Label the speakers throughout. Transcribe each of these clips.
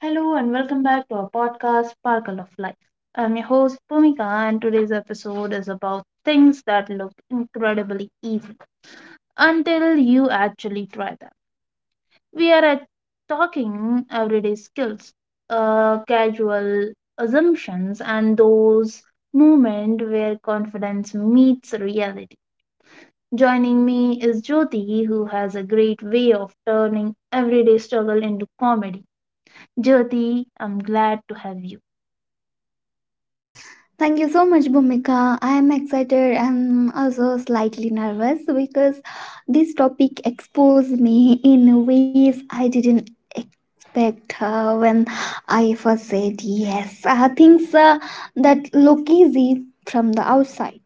Speaker 1: Hello and welcome back to our podcast, Sparkle of Life. I'm your host, Pumika, and today's episode is about things that look incredibly easy until you actually try them. We are at talking everyday skills, casual assumptions, and those moments where confidence meets reality. Joining me is Jyoti, who has a great way of turning everyday struggle into comedy. Jyoti, I'm glad to have you.
Speaker 2: Thank you so much, Bhumika. I am excited and also slightly nervous because this topic exposed me in ways I didn't expect when I first said yes. Things that look easy from the outside.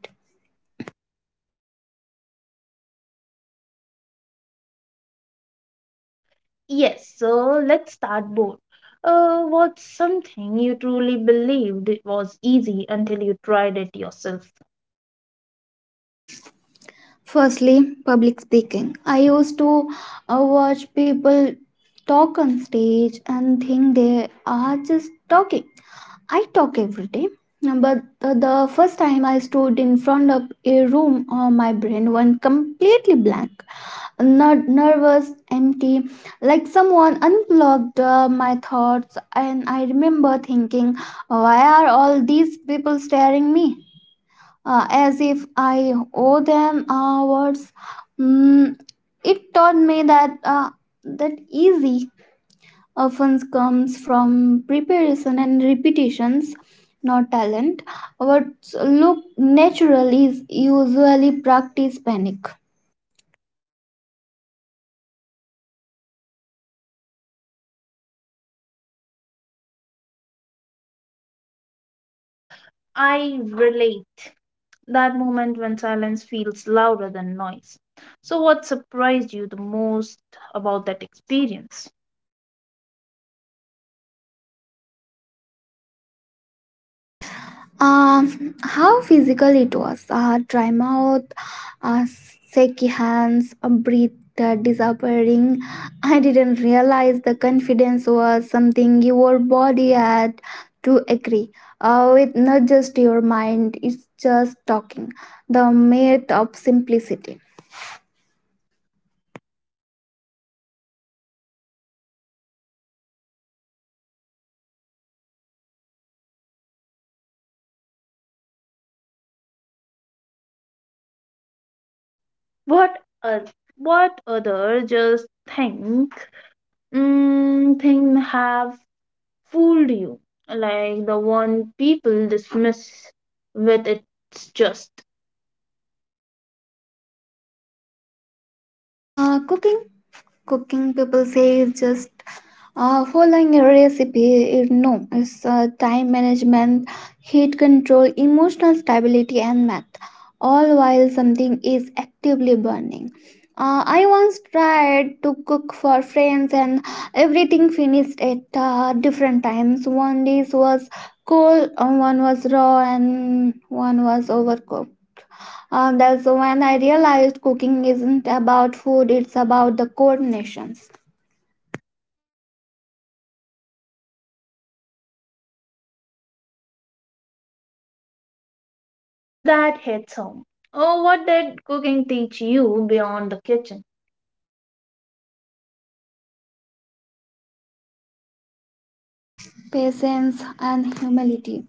Speaker 1: Yes, so let's start bold. What's something you truly believed it was easy until you tried it yourself?
Speaker 2: Firstly, public speaking. I used to watch people talk on stage and think they are just talking. I talk every day, but the first time I stood in front of a room, my brain went completely blank. Nervous, empty, like someone unplugged my thoughts. And I remember thinking, why are all these people staring me? As if I owe them words. Mm, it taught me that easy often comes from preparation and repetitions, not talent. What look natural is usually practice panic.
Speaker 1: I relate. That moment when silence feels louder than noise. So, what surprised you the most about that experience?
Speaker 2: How physical it was. Dry mouth, uh, shaky hands, a breath disappearing. I didn't realize the confidence was something your body had to agree with, not just your mind. It's just talking. The myth of simplicity.
Speaker 1: What uh, what other just think mm, thing have fooled you? Like the one people dismiss with it's just.
Speaker 2: Uh, cooking, cooking. People say is just following a recipe. It. No, it's time management, heat control, emotional stability, and math. All while something is actively burning. I once tried to cook for friends, and everything finished at different times. One dish was cold, one was raw, and one was overcooked. That's when I realized cooking isn't about food, it's about the coordinations,
Speaker 1: That hits home. Oh, what did cooking teach you beyond the kitchen?
Speaker 2: patience, and humility.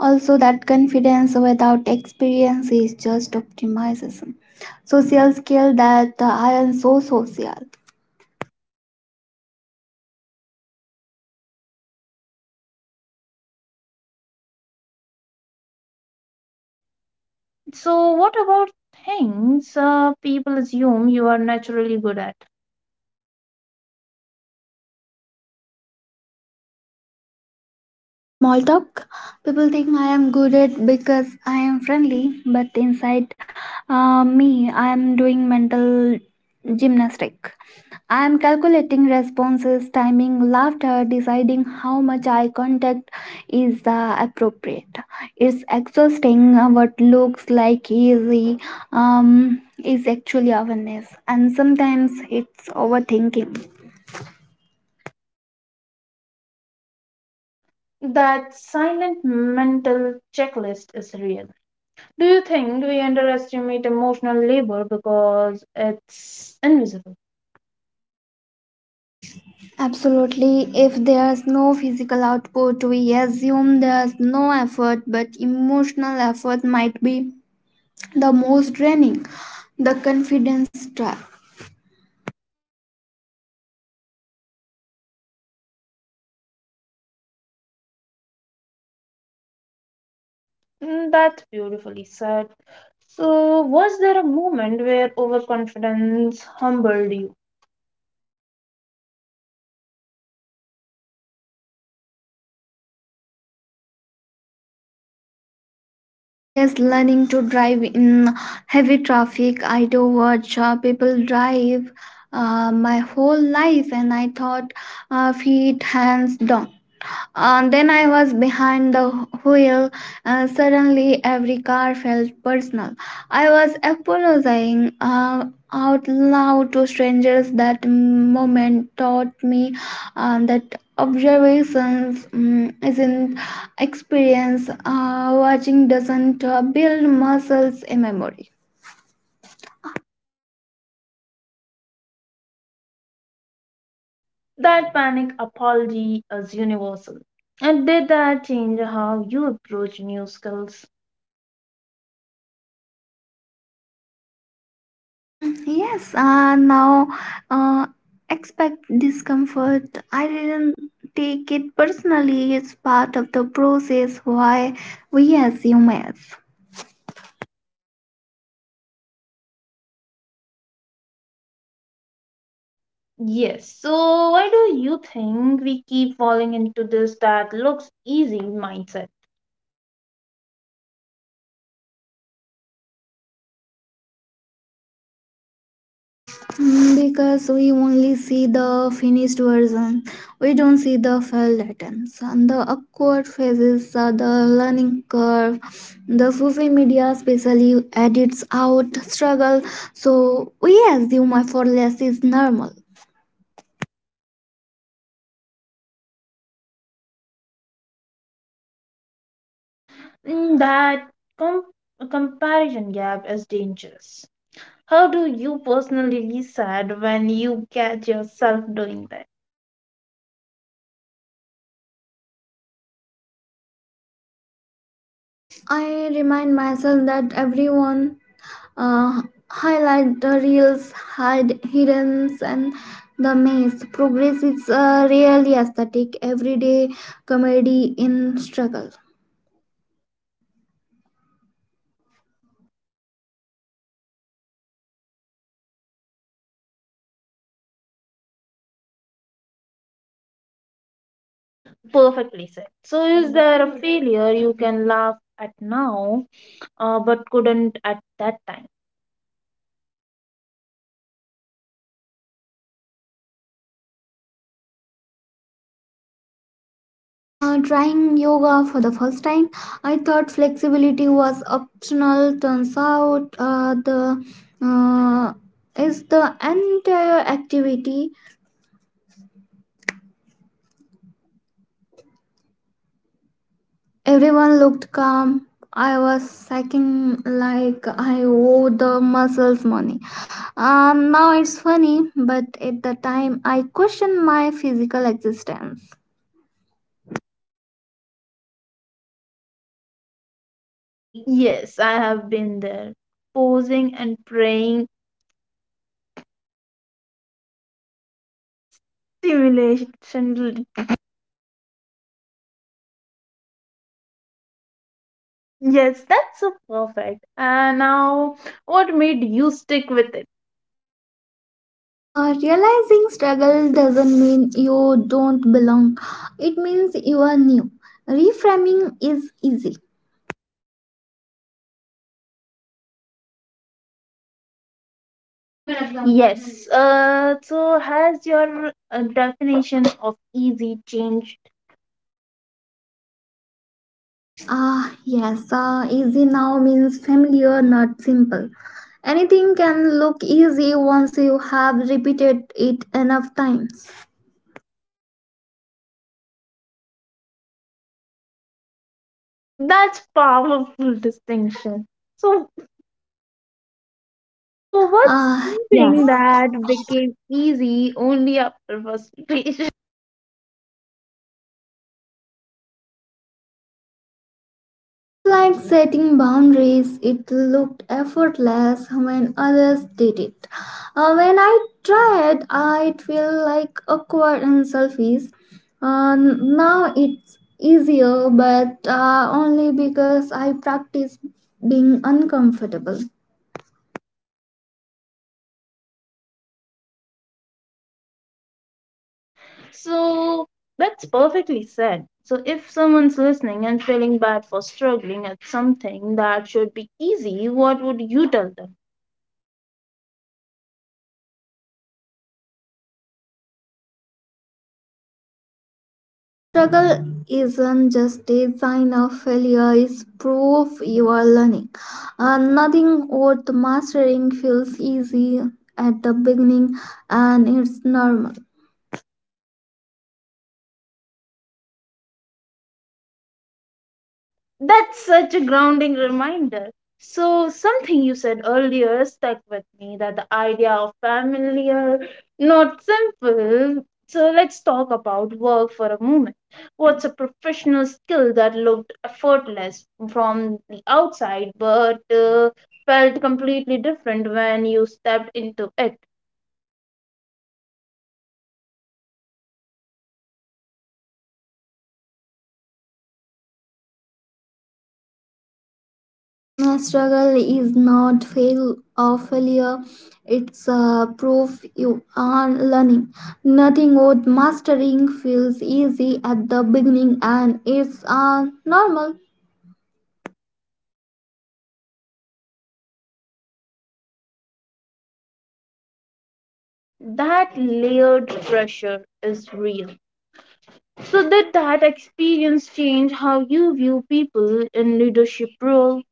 Speaker 2: Also, that confidence without experience is just optimism. Social skill that aren't so social.
Speaker 1: So, what about things people assume you are naturally good at?
Speaker 2: Small talk. People think I am good at because I am friendly, but inside me, I am doing mental gymnastic. I am calculating responses, timing, laughter, deciding how much eye contact is appropriate. It's exhausting. What looks like easy is actually awareness, and sometimes it's overthinking.
Speaker 1: That silent mental checklist is real. Do you think we underestimate emotional labor because it's invisible?
Speaker 2: Absolutely. If there's no physical output, we assume there's no effort, but emotional effort might be the most draining. The confidence trap.
Speaker 1: That's beautifully said. So, was there a moment where overconfidence humbled you?
Speaker 2: Yes, learning to drive in heavy traffic. I do watch people drive my whole life, and I thought feet, hands down. Then I was behind the wheel. Suddenly, every car felt personal. I was apologizing out loud to strangers. That moment taught me that observations isn't experience. Watching doesn't build muscles in memory.
Speaker 1: That panic apology is universal. And did that change how you approach new skills?
Speaker 2: Yes, now uh, expect discomfort. I didn't take it personally. It's part of the process why we as humans.
Speaker 1: Yes. So, why do you think we keep falling into this that looks easy mindset?
Speaker 2: Because we only see the finished version, we don't see the failed attempts. And the awkward phases are the learning curve. The social media especially edits out struggle. So we assume my for less is normal.
Speaker 1: That com- comparison gap is dangerous. How do you personally decide when you catch yourself doing that?
Speaker 2: I remind myself that everyone uh, highlight the reels, hide hidden and the maze. Progress is really aesthetic, everyday comedy in struggle.
Speaker 1: Perfectly said. So, is there a failure you can laugh at now but couldn't at that time?
Speaker 2: Trying yoga for the first time, I thought flexibility was optional. Turns out the uh, is the entire activity. Everyone looked calm. I was shaking like I owed the muscles money. And now it's funny, but at the time I questioned my physical existence.
Speaker 1: Yes, I have been there. Posing and praying, simulation. Yes, that's so perfect. And now, what made you stick with it?
Speaker 2: Realizing struggle doesn't mean you don't belong, it means you are new. Reframing is easy.
Speaker 1: Yes. So has your definition of easy changed?
Speaker 2: Ah, yes, easy now means familiar, not simple. Anything can look easy once you have repeated it enough times.
Speaker 1: That's powerful distinction. So, so what's
Speaker 2: Ah, yes.
Speaker 1: something that became easy only after frustration?
Speaker 2: It's like setting boundaries. It looked effortless when others did it. When I tried, I feel like awkward and selfish. Now it's easier, but only because I practice being uncomfortable.
Speaker 1: So that's perfectly said. So if someone's listening and feeling bad for struggling at something that should be easy, what would you tell them?
Speaker 2: And struggle isn't just a sign of failure, it's proof you are learning. Nothing worth mastering feels easy at the beginning, and it's normal.
Speaker 1: That's such a grounding reminder. So, something you said earlier stuck with me that the idea of familiar, not simple. So, let's talk about work for a moment. What's a professional skill that looked effortless from the outside but felt completely different when you stepped into it?
Speaker 2: Struggle is not fail or failure, it's proof you are learning. Nothing worth mastering feels easy at the beginning, and it's normal.
Speaker 1: That layered pressure is real. So, did that experience change how you view people in leadership roles?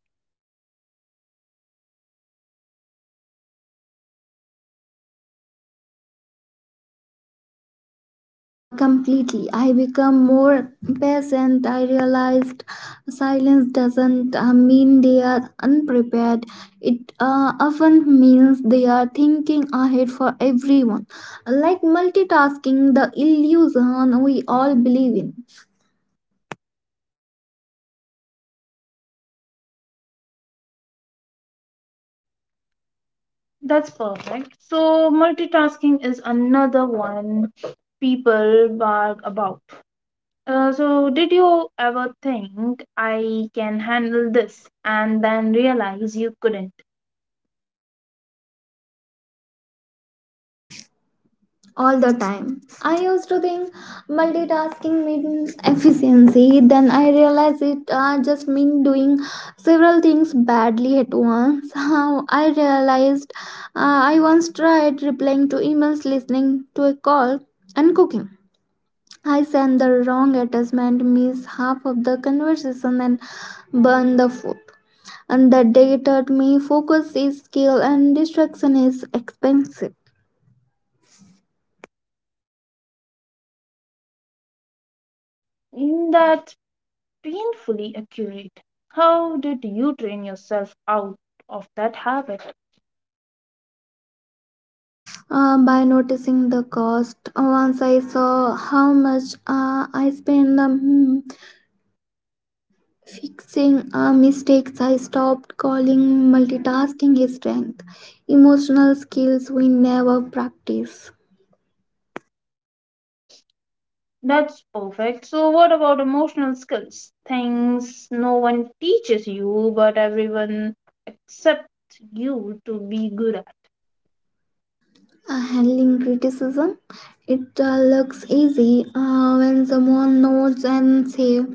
Speaker 2: Completely. I become more patient. I realized silence doesn't mean they are unprepared. It often means they are thinking ahead for everyone, like multitasking, the illusion we all believe in.
Speaker 1: That's perfect. So, multitasking is another one people bark about. So, did you ever think I can handle this and then realize you couldn't?
Speaker 2: All the time. I used to think multitasking means efficiency, then I realized it just mean doing several things badly at once. How I realized I once tried replying to emails, listening to a call, and cooking. I sent the wrong attachment, missed half of the conversation, and burned the food. And that day taught me focus is skill and distraction is expensive.
Speaker 1: That's painfully accurate. How did you train yourself out of that habit?
Speaker 2: By noticing the cost. Once I saw how much I spent fixing mistakes, I stopped calling multitasking a strength. Emotional skills we never practice.
Speaker 1: That's perfect. So, what about emotional skills? Things no one teaches you, but everyone accepts you to be good at.
Speaker 2: Handling criticism, it looks easy when someone nods and says,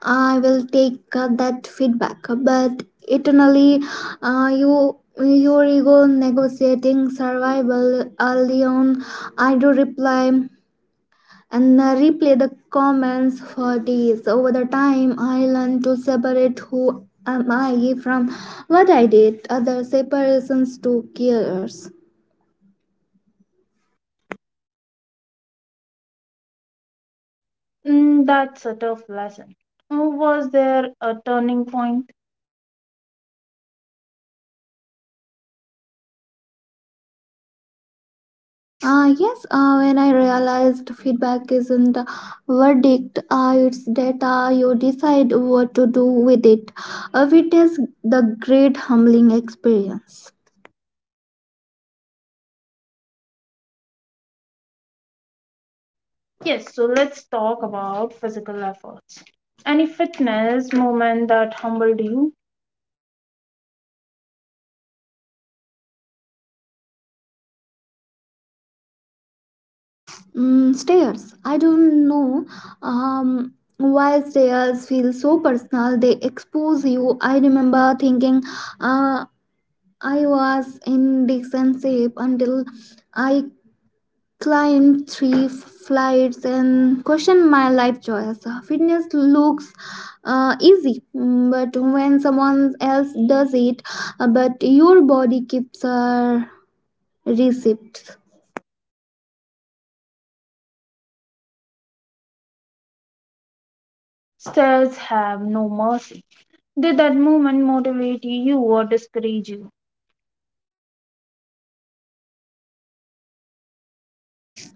Speaker 2: I will take that feedback, but eternally, you your ego negotiating survival early on. I do reply and replay the comments for days. Over the time, I learned to separate who am I from what I did. Other separations to cares.
Speaker 1: Mm, that's a tough lesson. Oh, was there a turning point?
Speaker 2: Yes, when I realized feedback isn't a verdict, it's data, you decide what to do with it. Witness the great humbling experience.
Speaker 1: Yes, so let's talk about physical efforts. Any fitness moment that humbled you?
Speaker 2: Stairs. I don't know why stairs feel so personal. They expose you. I remember thinking uh, I was in decent shape until I climb three f- flights and question my life choice. Fitness looks easy, but when someone else does it, but your body keeps receipts.
Speaker 1: Stairs have no mercy. Did that moment motivate you or discourage you?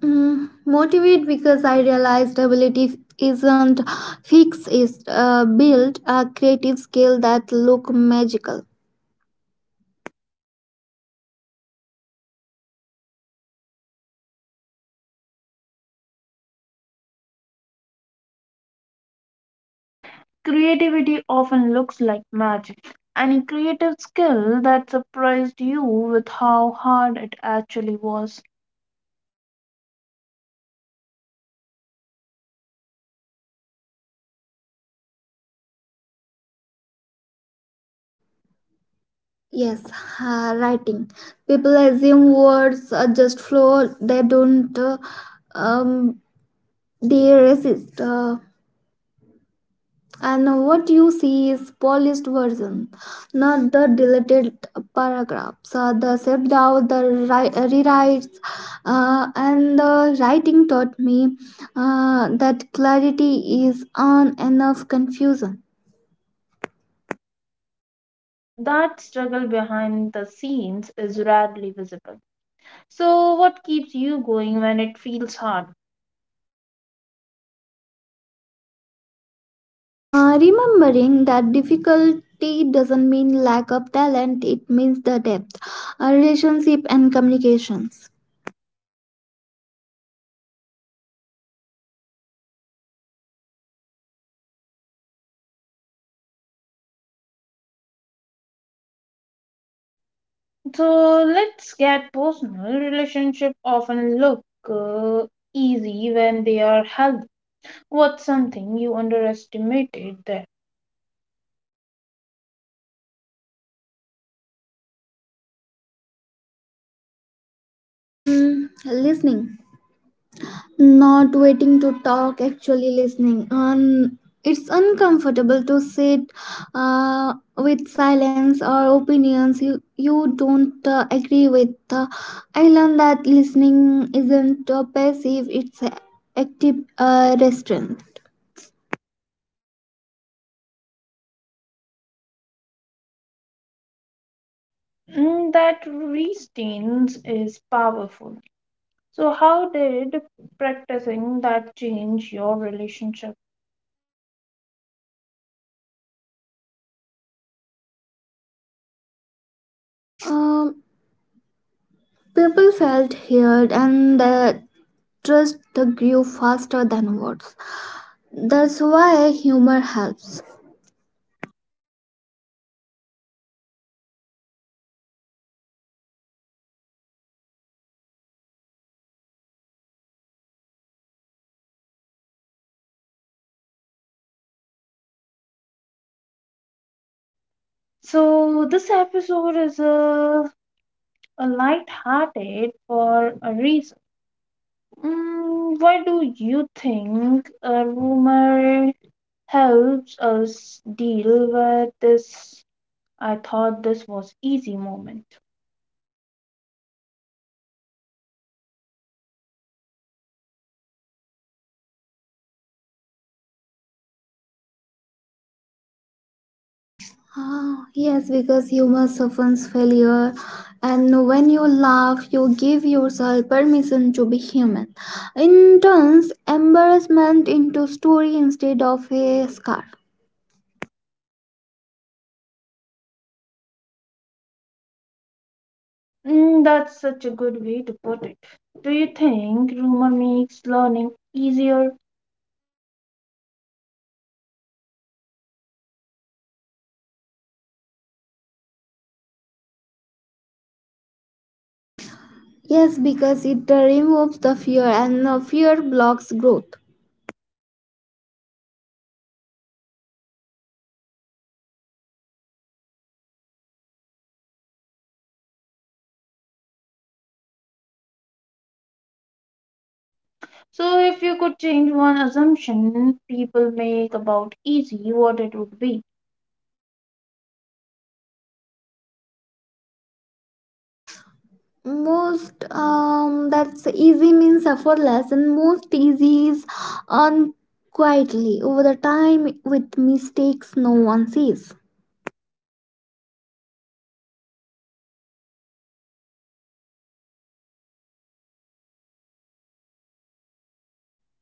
Speaker 2: Motivate because I realized ability isn't fixed; it's built a creative skill that look magical.
Speaker 1: Creativity often looks like magic. Any creative skill that surprised you with how hard it actually was?
Speaker 2: Yes, writing. People assume words are just flow. They don't. Um, they resist. And what you see is polished version, not the deleted paragraphs, the self doubt, the rewrites, and the writing taught me that clarity is on enough confusion.
Speaker 1: That struggle behind the scenes is rarely visible. So, what keeps you going when it feels hard?
Speaker 2: Remembering that difficulty doesn't mean lack of talent; it means the depth, relationship, and communications.
Speaker 1: So, let's get personal. Relationship often look uh, easy when they are healthy. What's something you underestimated there?
Speaker 2: Listening. Not waiting to talk, actually listening. It's uncomfortable to sit with silence or opinions you don't agree with. I learned that listening isn't passive, it's a active restraint.
Speaker 1: That restraints is powerful. So, how did practicing that change your relationship?
Speaker 2: Um, People felt heard and the trust grew faster than words. That's why humor helps.
Speaker 1: So, this episode is a light-hearted for a reason. Mm, why do you think a rumor helps us deal with this? I thought this was easy moment.
Speaker 2: Ah, yes, because humor softens failure, and when you laugh, you give yourself permission to be human. In turns embarrassment into story instead of a scar.
Speaker 1: Mm, that's such a good way to put it. Do you think rumor makes learning easier?
Speaker 2: Yes, because it removes the fear, and fear blocks growth.
Speaker 1: So, if you could change one assumption people make about easy, what it would be?
Speaker 2: Most, that's easy means effortless, and most easy is on quietly over the time with mistakes no one sees.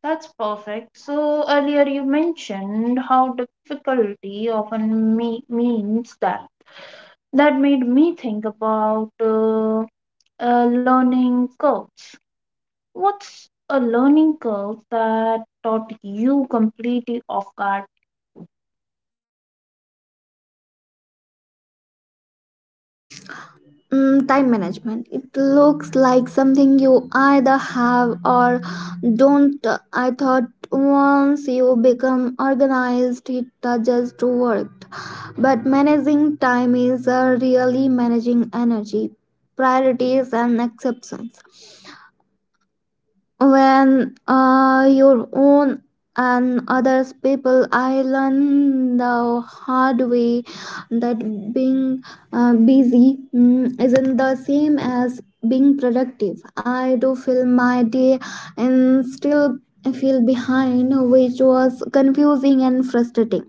Speaker 1: That's perfect. So, earlier you mentioned how difficulty often means that that made me think about learning curves. What's a learning curve that taught you completely off guard?
Speaker 2: Time management. It looks like something you either have or don't. I thought once you become organized, it does to work. But managing time is really managing energy, priorities, and exceptions when your own and others people. I learned the hard way that being busy isn't the same as being productive. I do fill my day and still feel behind, which was confusing and frustrating.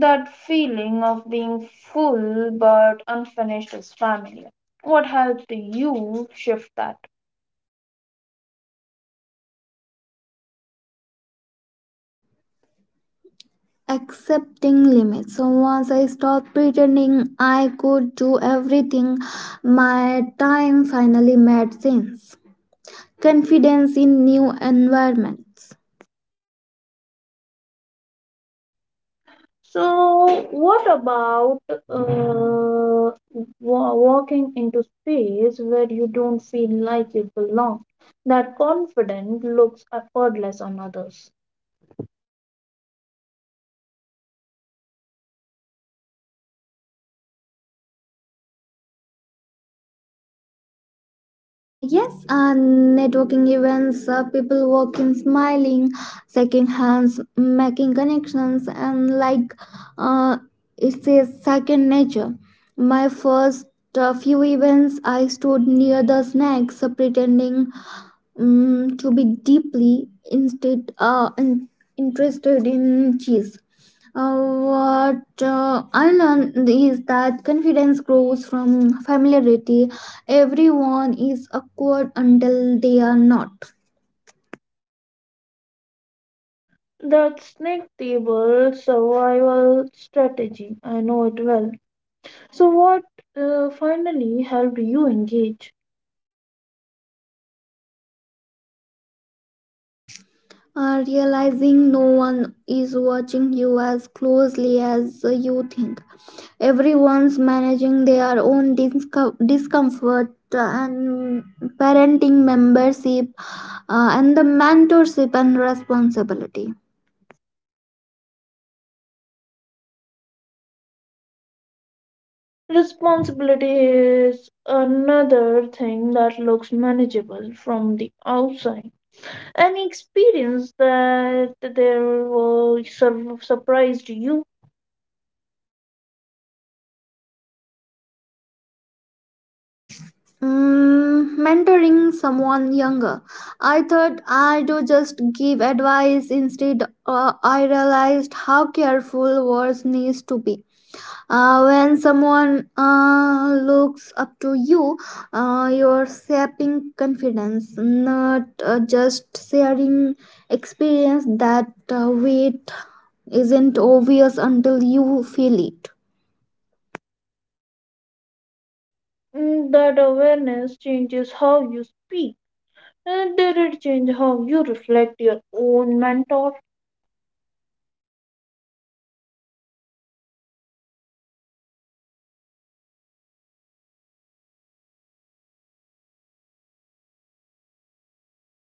Speaker 1: That feeling of being full but unfinished is familiar. What helped you shift that?
Speaker 2: Accepting limits. So once I stopped pretending I could do everything, my time finally made sense. Confidence in new environments.
Speaker 1: So, what about walking into space where you don't feel like you belong? That confidence looks effortless on others.
Speaker 2: Yes, and networking events, people walking, smiling, shaking hands, making connections, and like uh, it's a second nature. My first few events, I stood near the snacks, pretending to be deeply instead interested in cheese. Uh, what I learned is that confidence grows from familiarity. Everyone is awkward until they are not.
Speaker 1: That snake table survival strategy, I know it well. So, what finally helped you engage?
Speaker 2: Realizing no one is watching you as closely as you think. Everyone's managing their own discomfort and parenting membership and the mentorship and responsibility.
Speaker 1: Responsibility is another thing that looks manageable from the outside. Any experience that there were surprised you?
Speaker 2: Mentoring someone younger. I thought I do just give advice. Instead, I realized how careful words needs to be. When someone looks up to you, you're shaping confidence, not just sharing experience. That weight isn't obvious until you feel it.
Speaker 1: That awareness changes how you speak. And did it change how you reflect your own mentor?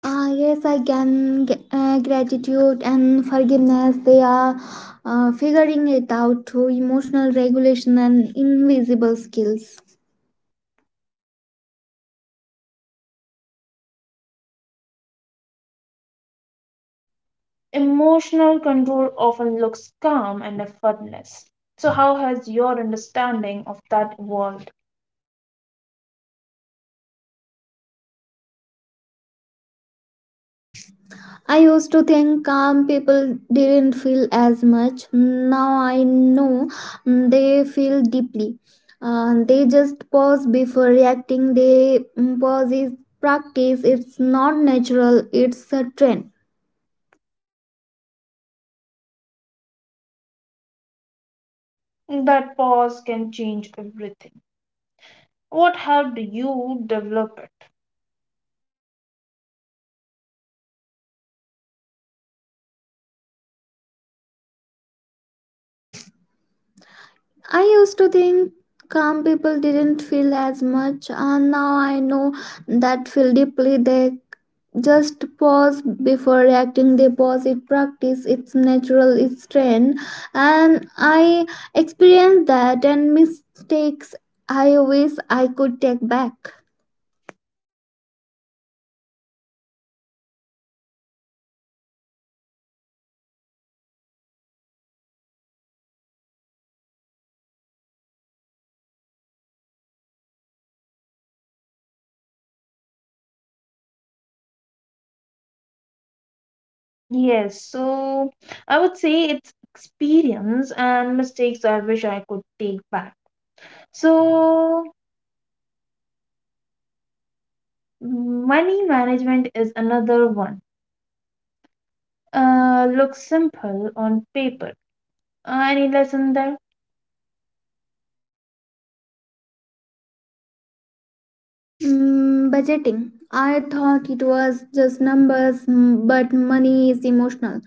Speaker 2: Yes, I can. Gratitude and forgiveness, they are figuring it out through emotional regulation and invisible skills.
Speaker 1: Emotional control often looks calm and effortless. So, how has your understanding of that evolved?
Speaker 2: I used to think calm people didn't feel as much. Now I know they feel deeply. They just pause before reacting. They pause is practice. It's not natural, it's a trend.
Speaker 1: That pause can change everything. What helped you develop it?
Speaker 2: I used to think calm people didn't feel as much, and now I know that feel deeply. They just pause before reacting, they pause it, practice, it's natural, it's trained. And I experienced that and mistakes I wish I could take back.
Speaker 1: Yes, so I would say it's experience and mistakes I wish I could take back. So, money management is another one. Looks simple on paper. Any lesson there?
Speaker 2: Budgeting. I thought it was just numbers, but money is emotional.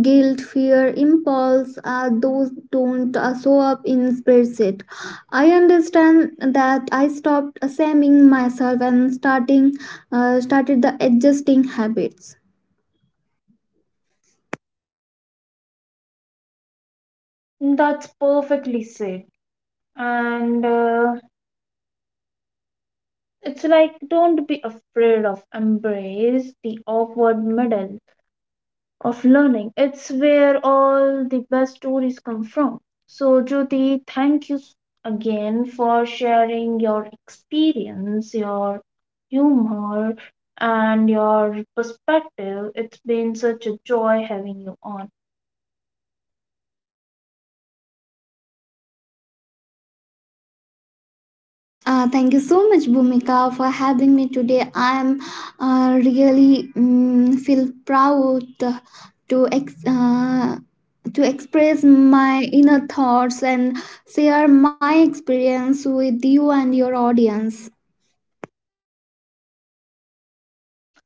Speaker 2: Guilt, fear, impulse, those don't show up in spreadsheet. I understand that I stopped assuming myself and starting started the adjusting habits.
Speaker 1: That's perfectly said, and it's like don't be afraid of embrace the awkward middle of learning. It's where all the best stories come from. So Jyoti, thank you again for sharing your experience, your humor, and your perspective. It's been such a joy having you on.
Speaker 2: Thank you so much, Bhumika, for having me today. I am really feel proud to to express my inner thoughts and share my experience with you and your audience.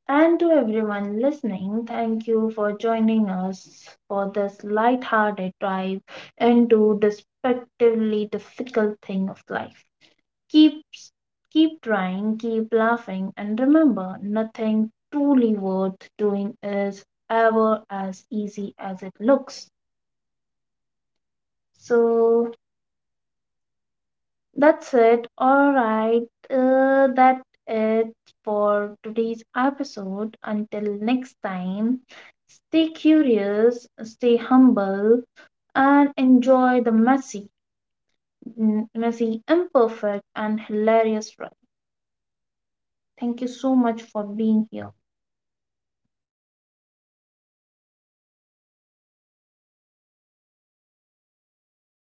Speaker 1: And to everyone listening, thank you for joining us for this lighthearted dive into deceptively difficult thing of life. Keep keep trying, keep laughing, and remember nothing truly worth doing is ever as easy as it looks. So that's it. All right. That it for today's episode. Until next time, stay curious, stay humble, and enjoy the messy, imperfect, and hilarious ride. Thank you so much for being here.